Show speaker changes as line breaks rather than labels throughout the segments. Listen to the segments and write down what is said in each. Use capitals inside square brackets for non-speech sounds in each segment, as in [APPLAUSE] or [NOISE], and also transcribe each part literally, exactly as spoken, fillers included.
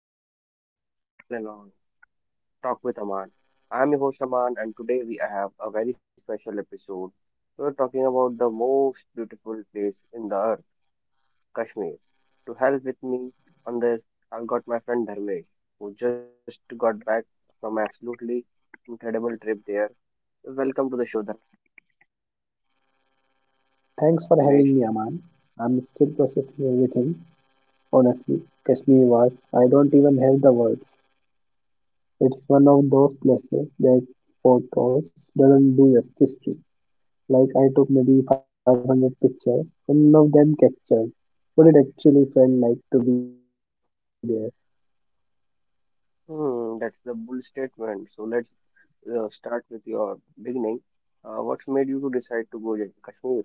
will talk about travel and all. Talk with Aman. I'm your host Aman, and today we have a very special episode. We're talking about the most beautiful place in the earth, Kashmir. To help with me on this, I've got my friend Dharmesh, who just got back from absolutely incredible trip there. Welcome to the show, Dharmesh.
Thanks for having me, Aman. I'm still processing everything. Honestly, Kashmir was, I don't even have the words. It's one of those places that photos doesn't do justice to. Like, I took maybe five hundred pictures, and none of them captured what it actually felt like to be there.
Hmm, that's the bull statement. So let's uh, start with your beginning. Uh, what made you to decide to go to Kashmir?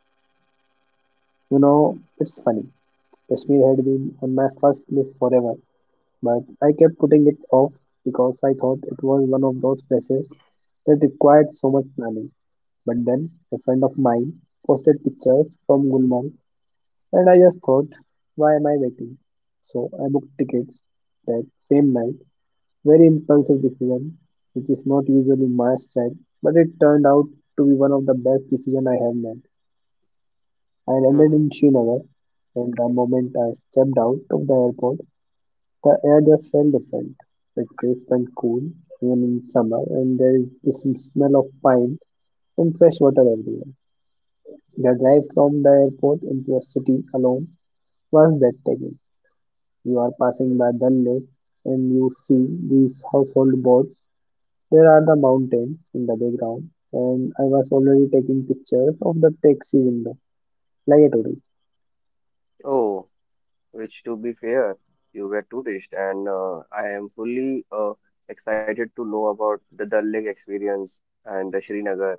You know, it's funny. Kashmir had been on my first list forever, but I kept putting it off because I thought it was one of those places that required so much planning. But then a friend of mine posted pictures from Gulmarg and I just thought, why am I waiting? So I booked tickets that same night. Very impulsive decision, which is not usually my style, but it turned out to be one of the best decisions I have made. I landed in
Hmm.
Srinagar and the moment I stepped out of the airport, the air just felt different. It crisp and cool, even in summer, and there is this smell of pine and fresh water everywhere. The drive from the airport into a city alone was breathtaking. You are passing by Dal Lake and you see these household boats. There are the mountains in the background, and I was already taking pictures of the taxi window like a tourist.
Oh, which to be fair, you were tourist, and uh, I am fully uh, excited to know about the Dal Lake experience and the Srinagar.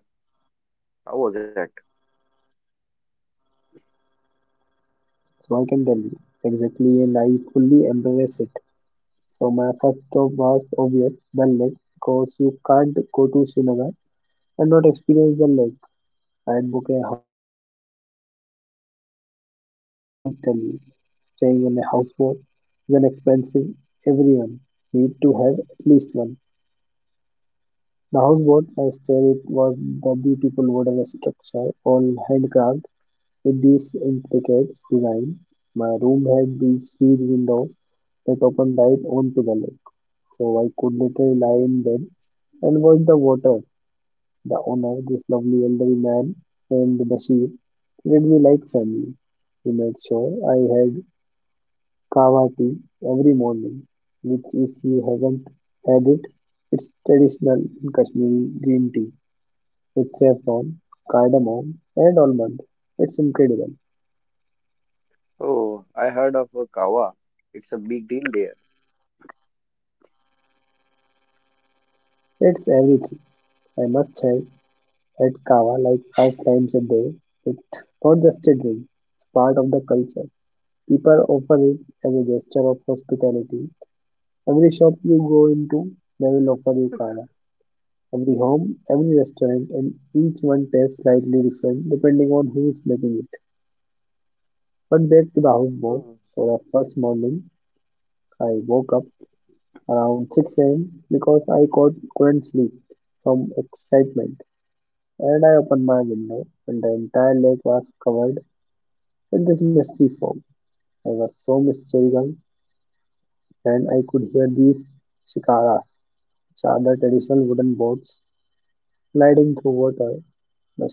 How was that?
So I can tell you exactly, and I fully embrace it. So my first stop was obvious Dal Lake because you can't go to Srinagar and not experience the lake. I had booked a houseboat for two nights, and let me tell you, staying on a houseboat is an expensive. Everyone need to have at least one. The houseboat I stayed it was the beautiful wooden structure, all handcrafted with this intricate design. My room had these huge windows that opened right onto the lake, so I could literally lie in bed and watch the water the owner, this lovely elderly man named Bashir, treated me like family. He made sure I had kava tea every morning, which if you haven't had it, it's traditional in Kashmiri green tea with saffron, cardamom and almond. It's incredible.
Oh, I heard of uh, Kawa. It's a big deal
It's everything. I must have had kava like five times a day. It's not just a drink, it's part of the culture. People offer it as a gesture of hospitality. Every shop you go into, they will offer you kava. Every home, every restaurant, and each one tastes slightly different depending on who is making it. But back to the
there.
houseboat. For the first morning, I woke up around six a m because I caught, couldn't sleep from excitement, and I opened my window, and the entire lake was covered in this misty fog. I was so mystical, and I could hear these shikaras, which are the traditional wooden boats gliding through water.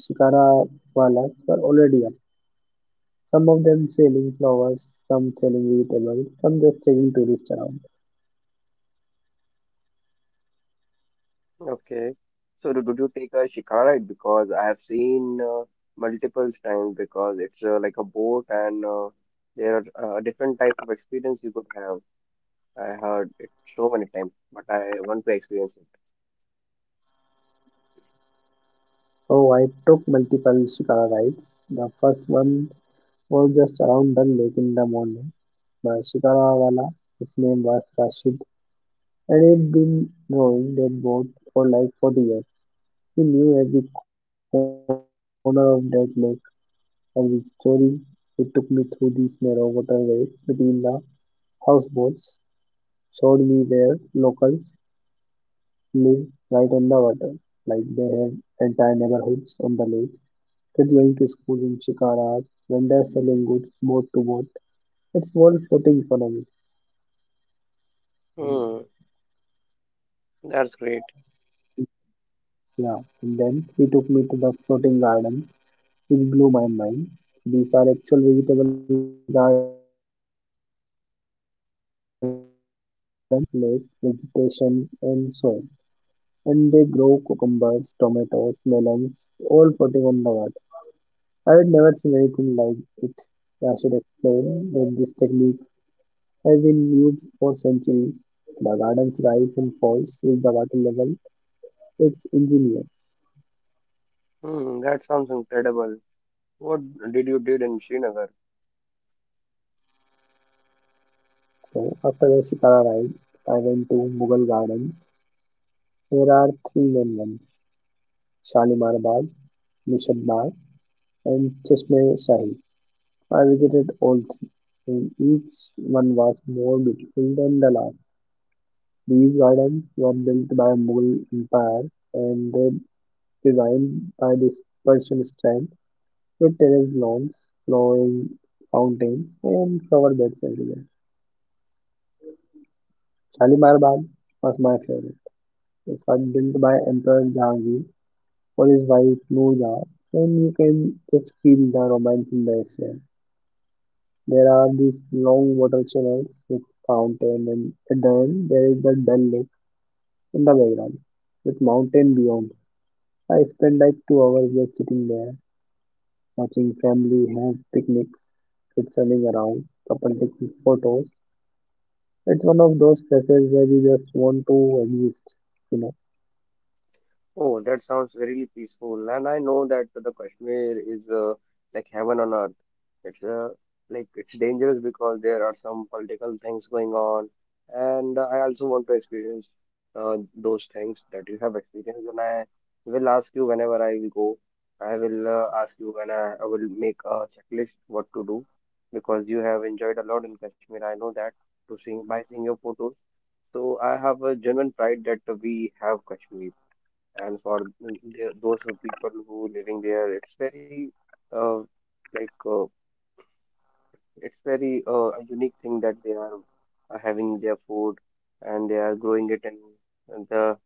Shikara Walas were already up, some of them selling flowers, some selling vegetables, some just taking tourists around.
Okay. So do, did you take a shikara? Because I have seen uh, multiple times because it's uh, like a boat, and uh, there are uh, different type of experience you could have. I heard it so many times, but I want to experience it.
Oh, I took multiple Shikara rides. The first one was just around the lake in the morning. The Shikara Wala, his name was Rashid, and he'd been rowing that boat for like forty years. He knew every corner of that lake, every story. He took me through these narrow waterways between the houseboats, showed me where locals live right on the water. Like they have entire neighborhoods on the lake. Kids going to school in shikaras, vendors selling goods boat to boat. It's world floating economy.
Hmm, that's great.
Yeah, and then he took me to the floating gardens, which blew my mind. These are actual vegetable gardens that float on the lake. They create them using layers of lake vegetation and soil, and they grow cucumbers, tomatoes, melons, all floating on the water. I had never seen anything like it. Rashid explained that this technique has been used for centuries. The gardens rise and falls with the water level. It's engineered.
Hmm, that sounds incredible. What did you did in Srinagar?
So after the Shikara ride, I went to Mughal Gardens. There are three main ones, Shalimar Bagh, Nishad Bagh and Chashme Shahi. I visited all three, and each one was more beautiful than the last. These gardens were built by Mughal Empire and they designed by this Persian style, with terrace lawns, flowing fountains, and flower beds everywhere. Shalimar Bagh was my favorite. It was built by Emperor Jahangir for his wife Noor Jahan, and you can just feel the romance in the air. There are these long water channels with fountain, and at the end there is the Dal Lake in the background with mountain beyond. I spent like two hours just sitting there watching family have picnics, kids running around, couple taking photos. It's one of those places where you just want to exist. You know,
Oh, that sounds really peaceful. And I know that the Kashmir is uh, like heaven on earth. It's uh, like it's dangerous because there are some political things going on, and I also want to experience uh, those things that you have experienced. And I will ask you whenever I will go. I will uh, ask you when I, I will make a checklist what to do because you have enjoyed a lot in Kashmir. I know that to seeing by seeing your photos. So I have a genuine pride that we have Kashmir, and for th- th- those who people who living there, it's very uh, like uh, it's very uh, a unique thing that they are uh, having their food, and they are growing it in the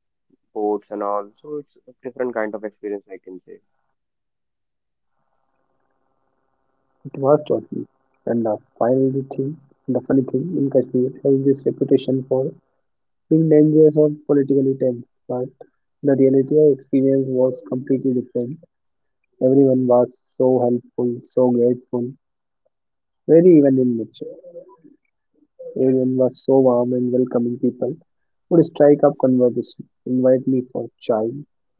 boats and all. So it's a different kind of experience, I can say.
it was totally. And the final thing, the funny thing, in Kashmir has this reputation for being dangerous or politically tense, but the reality I experienced was completely different. Everyone was so helpful, so grateful, very even in nature. Arian was so warm and welcoming people would strike up conversation, invite me for chai,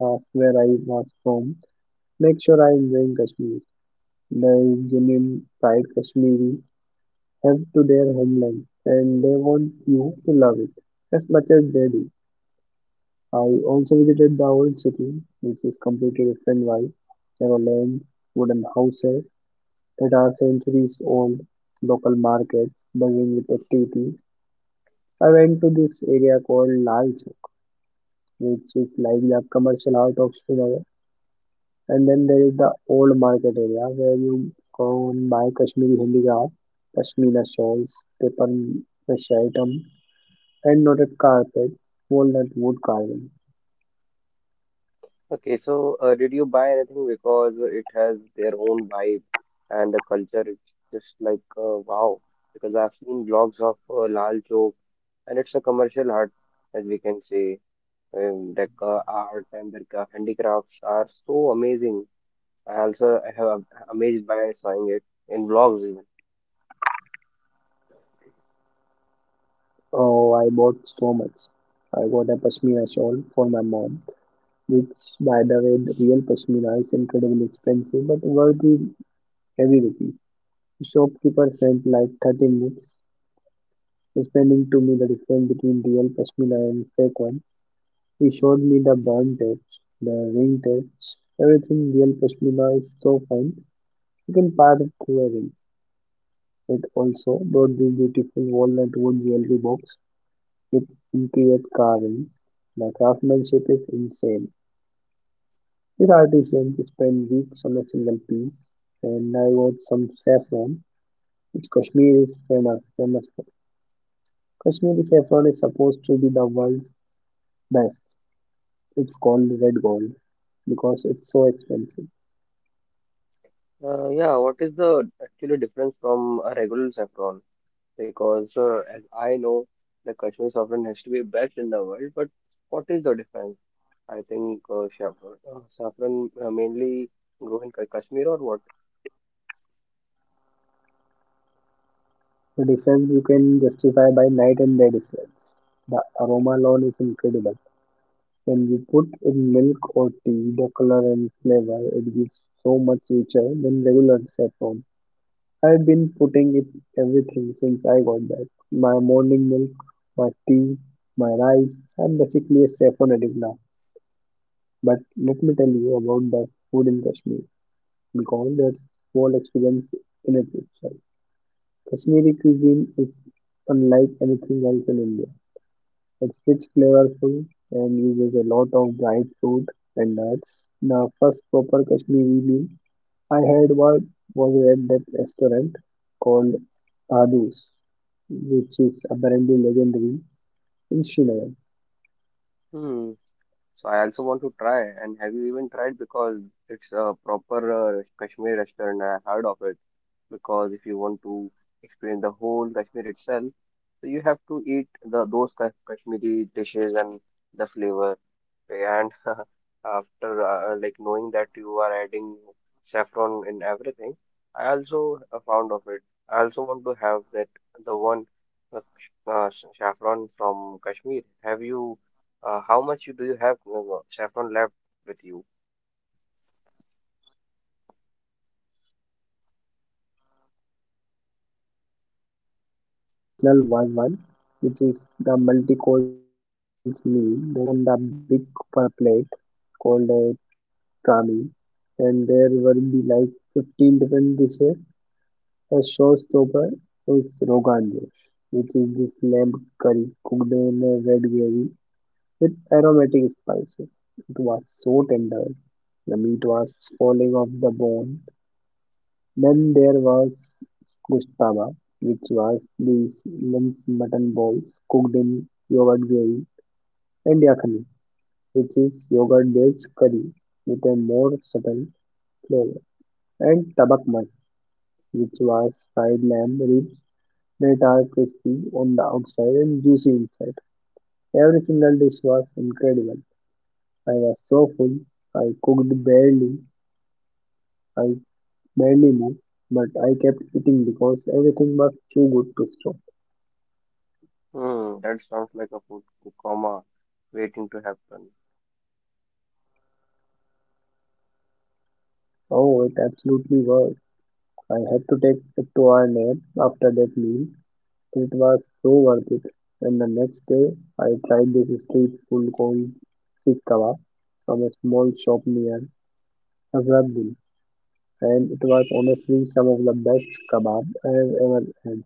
ask where I was from, make sure I enjoy Kashmir. They genuine pride Kashmiri have to their homeland and they want you to love it as much as they do. I also visited the old city, which is completely different vibe. There are lanes, wooden houses that are centuries old, local markets buzzing with activities. I went to this area called Lal Chowk, which is like the commercial heart of Srinagar. And then there is the old market area where you go and buy Kashmiri handicraft, pashmina shawls, paper mache items, hand knotted carpets, walnut wood carving.
Okay, so uh, did you buy anything? Because it has their own vibe and the culture. It's just like uh, wow, because I've seen blogs of uh, Lal Chowk, and it's a commercial art, as we can say. Um, the ca- art and the ca- handicrafts are so amazing. I also I have amazed by seeing it in vlogs even.
Oh, I bought so much. I got a pashmina shawl for my mom, which, by the way, the real pashmina is incredibly expensive but worth it every rupee. The shopkeeper sent like thirty minutes explaining to me the difference between real pashmina and fake one. He showed me the band tapes, the ring tapes, everything. Real pashmina is so fine. You can pair it through a ring. It also brought the beautiful walnut wood jewelry box with intricate carvings. The craftsmanship is insane. These artisans spend weeks on a single piece, and I bought some saffron, which Kashmir is famous, famous for. Kashmiri saffron is supposed to be the world's best. It's called red gold because it's so expensive.
Uh, yeah, what is the actually difference from a regular saffron? Because uh, as I know, the Kashmiri saffron has to be best in the world, but what is the difference? I think uh, saffron, uh, saffron uh, mainly grow in Ka- Kashmir or what?
The difference you can justify by night and day difference. The aroma alone is incredible. When you put in milk or tea, the color and flavor it gives so much richer than regular set form. I've been putting it everything since I got back. My morning milk, my tea, my rice. I'm basically a saffron addict now. But let me tell you about the food in Kashmir because that's whole experience in itself. Kashmiri cuisine is unlike anything else in India. It's rich, flavorful, and uses a lot of dried fruit and nuts. The first proper Kashmiri meal I had was, was at that restaurant called Dadu's, which is apparently legendary in Srinagar.
Hmm. So I also want to try. And have you even tried? Because it's a proper uh, Kashmiri restaurant. I heard of it. Because if you want to experience the whole Kashmir itself, so you have to eat the those Ka- Kashmiri dishes and the flavor. And [LAUGHS] after uh, like knowing that you are adding saffron in everything, I also uh, found of it. I also want to have that the one uh, uh, saffron from Kashmir. Have you? Uh, how much you do you have uh, saffron left with you?
So I ordered a traditional Wazwan, which is the multi-course meal that's pride of Kashmiri cuisine. It came served on the big copper plate called a coming and there will be like fifteen different dishes. A showstopper is Rogan Josh, which is this lamb curry cooked in a red gravy with aromatic spices. It was so tender, the meat was falling off the bone. Then there was Gustaba, which was these minced mutton balls cooked in yogurt gravy, and Yakhni, which is yogurt based curry with a more subtle flavor. And Tabak Mas, which was fried lamb ribs that are crispy on the outside and juicy inside. Every single dish was incredible. I was so full, I cooked barely, I barely moved, but I kept eating because everything was too good to stop.
Hmm, that sounds like a food coma waiting to happen.
Oh, it absolutely was. I had to take a two hour nap after that meal, but it was so worth it. And the next day, I tried this street food called Sikh Kebab from a small shop near Hazratbul, and it was honestly some of the best kebab I have ever had.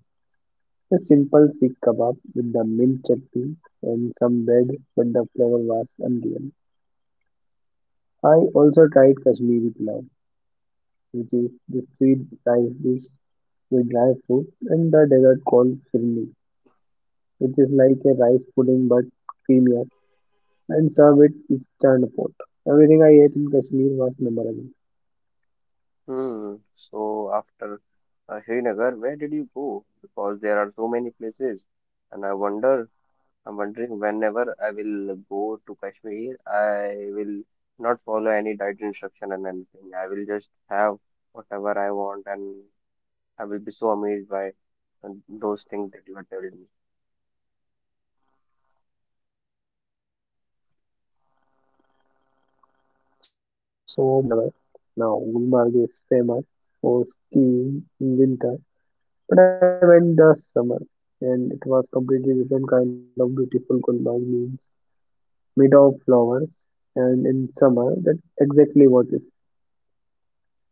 A simple Sikh kebab with the mint chutney and some bread, but the flavor was unreal. I also tried Kashmiri pulao, which is the sweet rice dish with dry fruit and the dessert called firni, which is like a rice pudding but creamier and served with instant pot. Everything I ate in Kashmir was memorable.
Hmm. So after uh, Srinagar, where did you go? Because there are so many places, and I wonder, I'm wondering whenever I will go to Kashmir, I will not follow any diet instruction and anything. I will just have whatever I want, and I will be so amazed by uh, those things that you are telling me.
So my next stop was Gulmarg which is about two hours from Srinagar. Now, Gulmarg is famous for skiing in winter, but I went last summer and it was completely different kind of beautiful. Gulmarg means made of flowers and in summer that's exactly what is.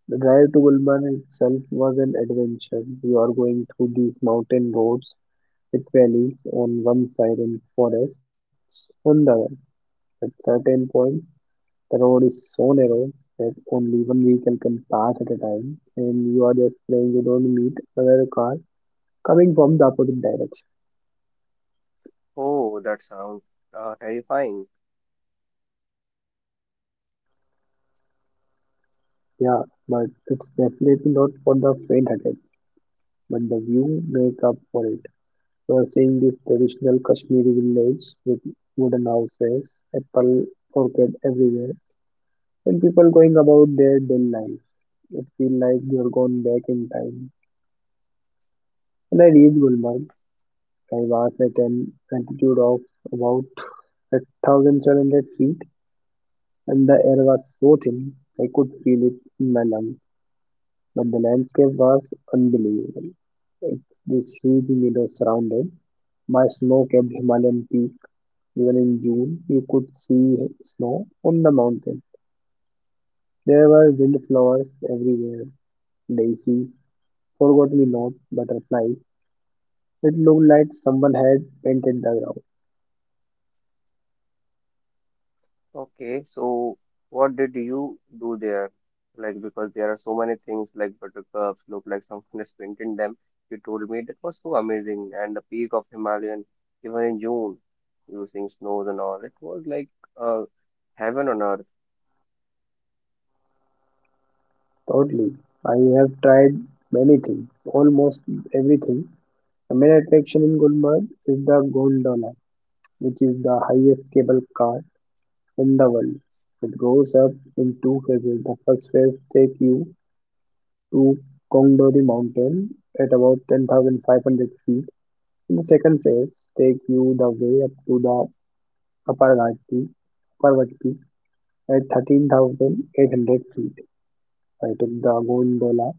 The drive to Gulmarg itself was an adventure. You are going through these mountain roads with valleys on one side and forests on the other. At certain points, the road is so narrow that only one vehicle can pass at a time, and you are just praying you don't meet another car coming from the opposite direction.
Oh, that sounds uh, terrifying.
Yeah, but it's definitely not for the faint-hearted, but the view make up for it. You are seeing this traditional Kashmiri village with wooden houses, apple orchard everywhere, and people going about their daily lives. It feels like you are gone back in time. When I reached Gulmarg, I was at an altitude of about one thousand seven hundred feet, and the air was so thin I could feel it in my lungs. But the landscape was unbelievable. It's this huge meadow surrounded by snow-capped Himalayan peak. Even in June, you could see snow on the mountain. There were wildflowers everywhere, daisies, forget-me-not, butterflies. It looked like someone had painted the ground.
Okay, so what did you do there? Like, because there are so many things like buttercups look like someone [LAUGHS] is painted them. You told me that was so amazing, and the peak of Himalayan, even in June, using snows and all. It was like uh, heaven on earth.
Totally. I have tried many things, almost everything. The main attraction in Gulmarg is the gondola, which is the highest cable car in the world. It goes up in two phases. The first phase takes you to Kongdori Mountain at about ten thousand five hundred feet, and the second phase takes you the way up to the upper Ghat peak, upper Ghat peak at thirteen thousand eight hundred feet. I took the gondola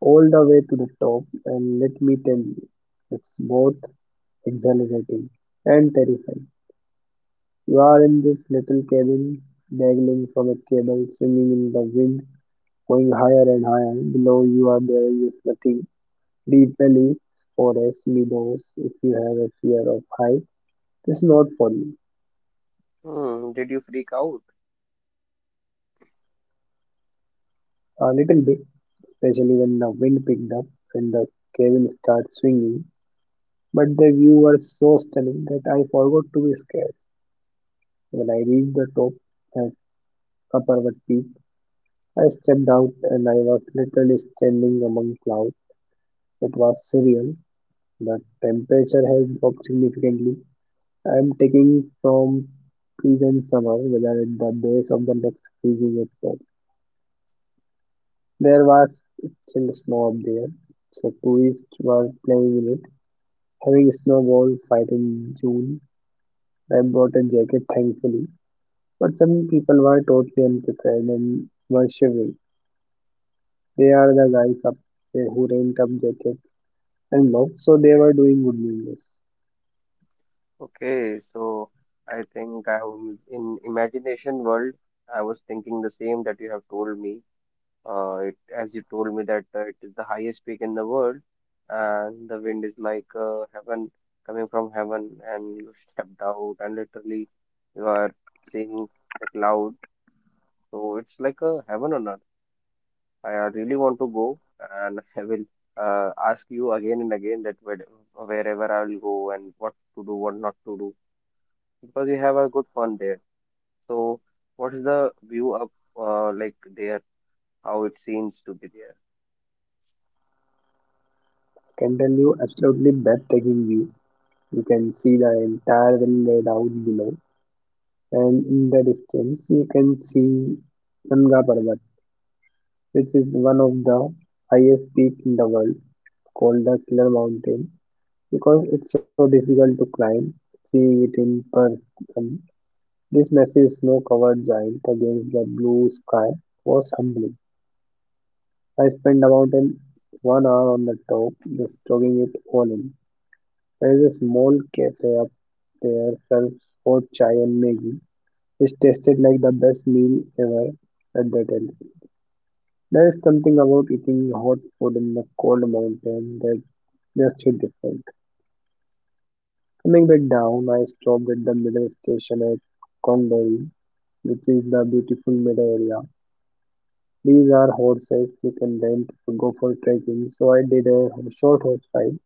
all the way to the top, and let me tell you, it's both exhilarating and terrifying. You are in this little cabin, dangling from a cable, swinging in the wind, going higher and higher. Below you are there is nothing. Deep valleys, forests, meadows. If you have a fear of height, this is not for you.
Hmm, did you freak out?
A little bit, especially when the wind picked up and the cabin starts swinging. But the view was so stunning that I forgot to be scared. When I reached the top at Upperwood Peak, I stepped out and I was literally standing among clouds. It was surreal. The temperature has dropped significantly. I am taking from pleasant summer weather at the base of the next freezing expert. There was still snow up there, so tourists were playing in it. Having a snowball fight in June, I brought a jacket thankfully, but some people were totally unprepared and were shivering. They are the guys up there who rent up jackets and gloves, so they were doing good business.
Okay, so I think I am in imagination world. I was thinking the same that you have told me. Uh, it, as you told me that uh, it is the highest peak in the world, and the wind is like uh, heaven coming from heaven, and you [LAUGHS] stepped out, and literally you are seeing the cloud. So it's like a heaven on earth. I uh, really want to go, and [LAUGHS] I will uh, ask you again and again that where, wherever I will go and what to do, what not to do, because you have a good fun there. So what is the view up uh, like there? How it seems to be there?
I can tell you, absolutely breathtaking view. You can see the entire valley laid out below, and in the distance, you can see Nanga Parbat, which is one of the highest peak in the world. It's called the Killer Mountain because it's so difficult to climb. Seeing it in person, this massive snow covered giant against the blue sky was humbling. I spend about an one hour on the top, just soaking it all in. There is a small cafe up there serves hot chai and Maggie, which tasted like the best meal ever at that end. There is something about eating hot food in the cold mountain that just hit different. Coming back down, I stopped at the middle station at Kongdori, which is the beautiful meadow area. These are horses you can rent or go for trekking, so I did a short horse ride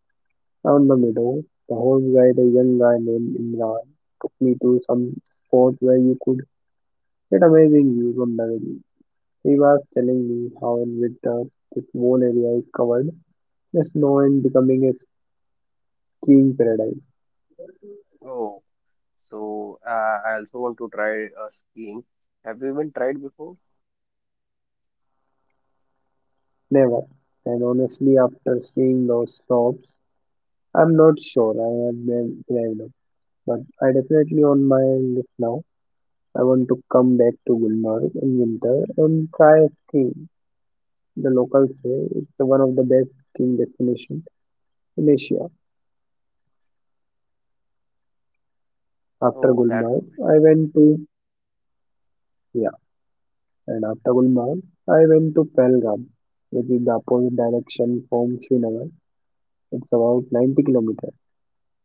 down the meadow. The horse guide, a young guy named Imran, took me to some spot where you could get amazing views of the valley. He was telling me how in winter this whole area is covered in snow and becoming a skiing paradise.
Oh. So uh, I also want to try uh, skiing. Have you even tried before?
Never. And honestly, after seeing those slopes, I'm not sure I have brave brave enough. But I definitely on my list now. I want to come back to Gulmarg in winter and try skiing. The locals say it's the one of the best skiing destinations in Asia. After
Oh, that's
Gulmarg,
great.
I went to yeah, and after Gulmarg, I went to Pahalgam, which is the opposite direction from Srinagar. It's about ninety kilometers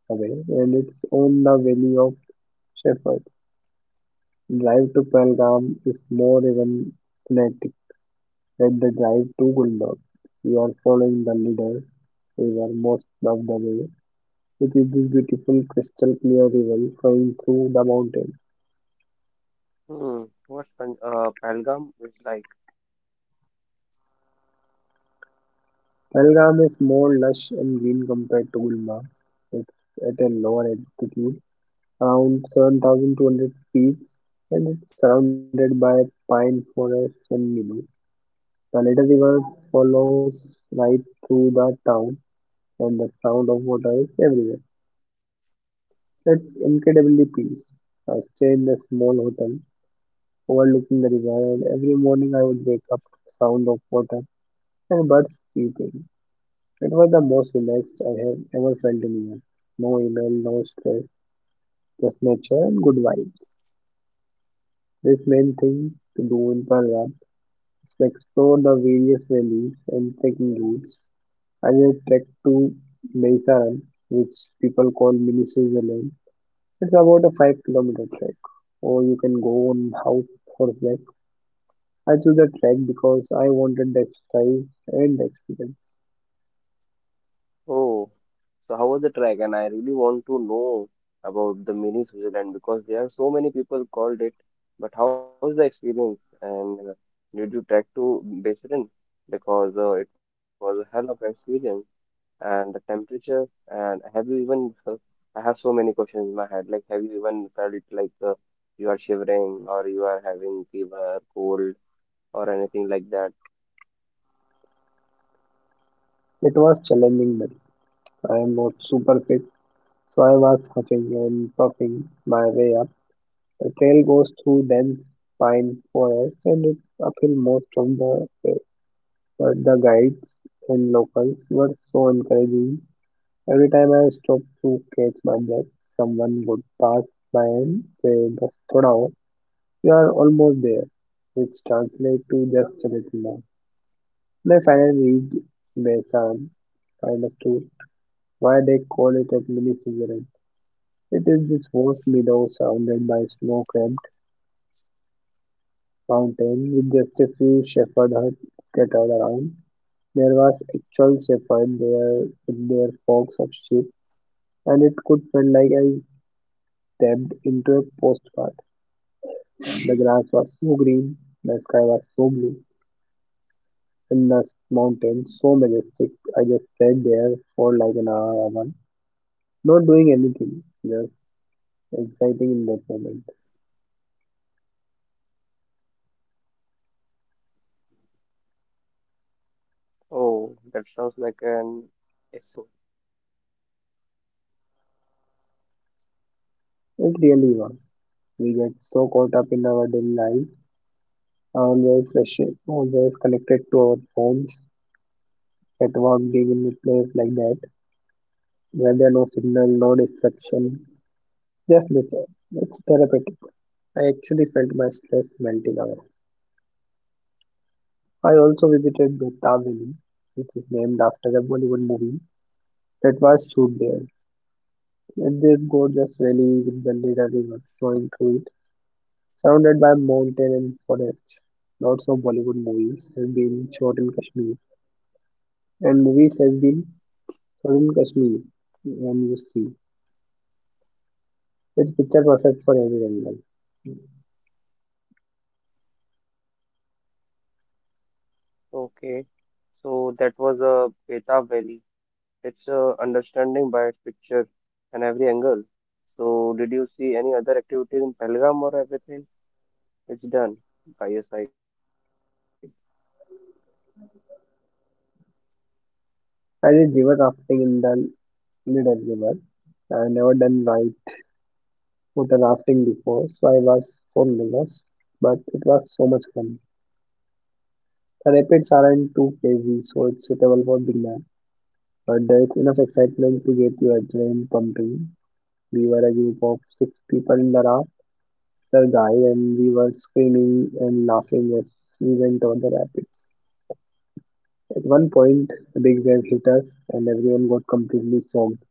away, and it's on the valley of Shepherds. Drive to Pahalgam is more even frenetic than the drive to Gulmarg. You are following the leader river most of the way, which is this beautiful crystal clear river flowing through the mountains.
Hmm. What's Pan uh, Pahalgam is like?
Pahalgam is more lush and green compared to Gulmarg. It's at a lower altitude, around seven thousand two hundred feet, and it's surrounded by pine forests and meadows. The latter river follows right through the town, and the sound of water is everywhere. It's incredibly peaceful. I stay in a small hotel overlooking the river, and every morning I would wake up to the sound of water and birds chirping. It was the most relaxed I have ever felt in years. No email, no stress, just nature and good vibes. This main thing to do in Palram is to explore the various valleys and trekking routes. I did a trek to Meisaran, which people call mini Switzerland. It's about a five kilometer trek, or you can go on house horseback. I chose the trek because I wanted the exercise and the experience.
Oh, so how was the track? And I really want to know about the mini Switzerland because there are so many people called it. But how is the experience? And uh, did you track to Basildon? Because uh, it was a hell of an experience, and the temperature. And have you even? uh, I have so many questions in my head. Like, have you even felt it like uh, you are shivering or you are having fever, cold, or anything like that?
It was challenging but I am not super fit, so I was huffing and puffing my way up. The trail goes through dense pine forests and it's uphill most of the way. But the guides and locals were so encouraging. Every time I stopped to catch my breath, someone would pass by and say, Bas thoda aur, you are almost there, which translates to just a little more. And I finally reached Besan, I of to why they call it a mini Switzerland. It is this vast meadow surrounded by snow capped mountains with just a few shepherd huts scattered around. There was actual shepherd there with their flocks of sheep, and it could feel like I stepped into a postcard. The grass was so green, the sky was so blue, and the mountain so majestic. I just sat there for like an hour, hour not doing anything, just exciting in that moment.
Oh, that sounds like an excellent, and exactly that's what you need. And I really need it now. [LAUGHS]
It really was. We get so caught up in our daily life always rushing, always connected to our phones, at work being in a place like that, where there are no signal, no distraction, just nature. It's therapeutic. I actually felt my stress melting away. I also visited Beta Valley, which is named after a Bollywood movie that was shot there. And this gorgeous valley with the Leda River flowing through it, surrounded by mountain and forest. Lots of Bollywood movies have been shot in Kashmir, and movies have been Southern Kashmir, when you see, it's picture perfect for every animal.
Okay. So that was a Beta Valley. It's a understanding by its picture and every angle. So did you see any other activities in Pahalgam, or everything? It's done by your side.
I did river rafting in the Lidar River. I've never done night water rafting before, so I was so nervous, but it was so much fun. The rapids aren't too crazy, so it's suitable for beginners, but there is enough excitement to get your adrenaline pumping. We were a group of six people in the raft, the guide, and we were screaming and laughing as we went over the rapids. At one point, a big wave hit us and everyone got completely soaked.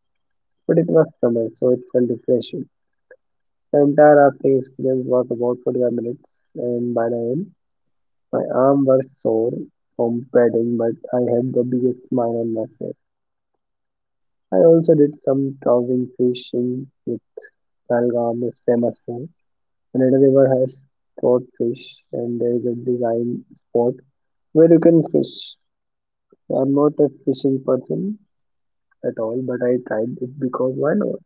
But it was summer, so it felt refreshing. The entire rafting experience was about forty-five minutes, and by the end, my arms were sore from paddling, but I had the biggest smile on my face. I also did some trousing fishing with Belgaum is famous for. Another river has trout fish, and there is a design spot where you can fish. I'm not a fishing person, at all, but I tried it because why not?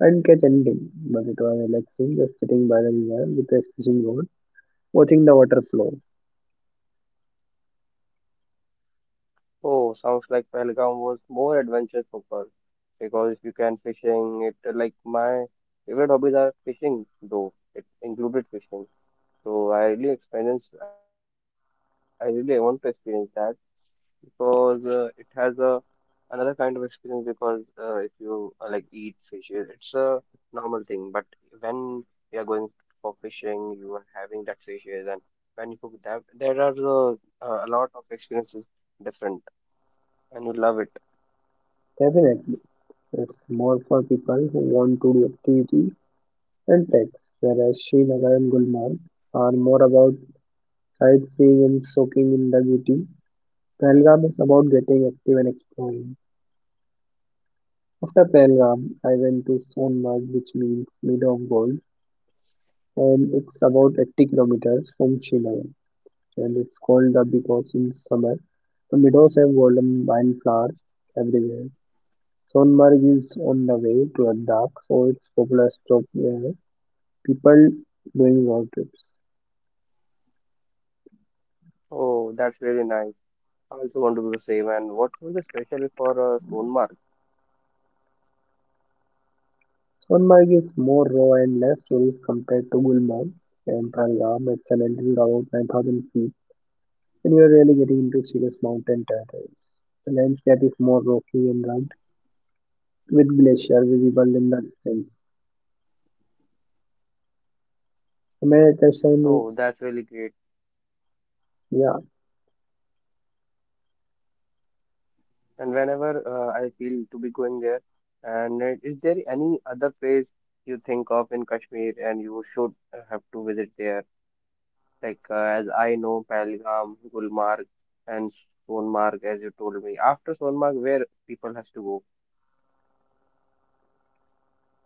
I didn't catch anything, but it was relaxing just sitting by the river with a fishing rod, watching the water flow.
Oh, sounds like Pahalgam was more adventurous for focused, because if you can fishing, it uh, like my favorite hobbies are fishing though. It included fishing, so I really experience. I really want to experience that. Because uh, it has a another kind of experience, because uh, if you uh, like eat fishes, it's a normal thing. But when you are going for fishing, you are having that fishes, and when you cook that, there are uh, uh, a lot of experiences different, and you love it.
Definitely, it's more for people who want to do activity and treks, whereas Srinagar and Gulmarg are more about sightseeing and soaking in the beauty. Pahalgam is about getting active and exploring. After Pahalgam, I went to Sonmarg, which means meadow of gold, and it's about eighty kilometers from Srinagar. And it's called the because in summer the meadows have golden wildflowers everywhere. Sonmarg is on the way to Ladakh, so it's popular stop where people doing road trips.
Oh, that's really nice. I also want to do the same. And what was the special for uh, Soonmark?
Sonmarg is more raw and less tourist compared to Gulmarg and Pahalgam. It's an altitude of about nine thousand feet, and you are really getting into serious mountain territories. The landscape is more rocky and rugged, with glacier visible in the distance. The main attraction is
Oh, that's really great.
yeah,
And whenever uh, I feel to be going there. And uh, is there any other place you think of in Kashmir, and you should uh, have to visit there? Like uh, as I know, Pahalgam, Gulmarg, and Sonmarg, as you told me. After Sonmarg, where people has to go?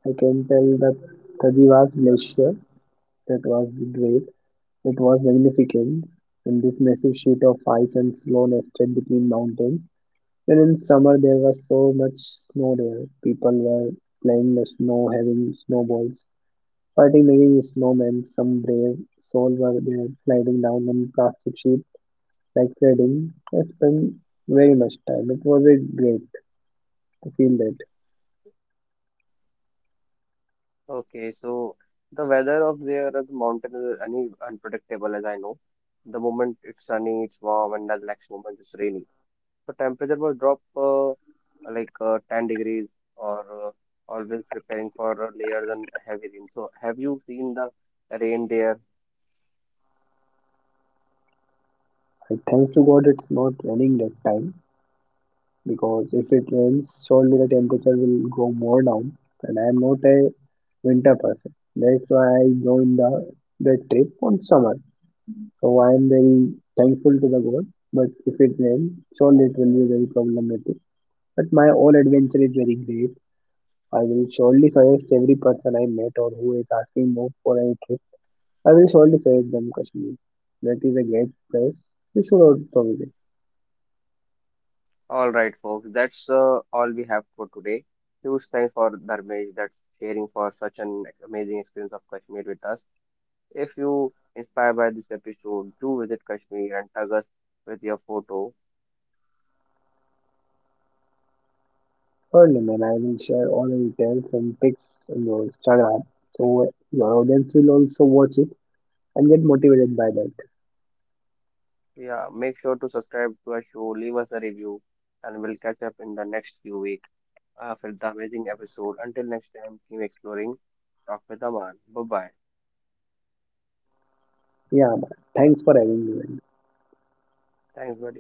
I can tell that Tajiwa's glacier, that was great, it was magnificent in this massive sheet of ice and snow nested between mountains. And in summer, there was so much snow there. People were playing the snow, having snowballs, fighting, making snowmen. Some brave souls were there, sliding down on plastic sheets like sledding. I spent very much time. It was a great to feel that.
Okay, so the weather of there, the mountain is any unpredictable, as I know. The moment it's sunny, it's warm, and the next moment it's rainy. So temperature will drop. Uh, like uh, ten degrees or uh, always preparing for uh, layers and heavy rain. So, have you seen the rain there?
I, thanks to God, it's not raining that time. Because if it rains, surely the temperature will go more down. And I am not a winter person. That's why I joined the that trip on summer. So I am very thankful to the God. But if it rains, surely it will be very problematic. But my all adventure is very great. I will surely suggest every person I met or who is asking more for any trip. I will surely suggest them Kashmir. That is a great place. We should also visit.
All right, folks, that's uh, all we have for today. Huge thanks for Dharmesh that's sharing for such an amazing experience of Kashmir with us. If you inspired by this episode, do visit Kashmir and tag us with your photo.
Surely, man, I will share all the details and pics on your Instagram so your audience will also watch it and get motivated by that.
Yeah, make sure to subscribe to our show, leave us a review, and we'll catch up in the next few weeks. Uh, for the amazing episode. Until next time, keep exploring. Talk with Aman. Bye bye.
Yeah, man. Thanks for having me, man.
Thanks, buddy.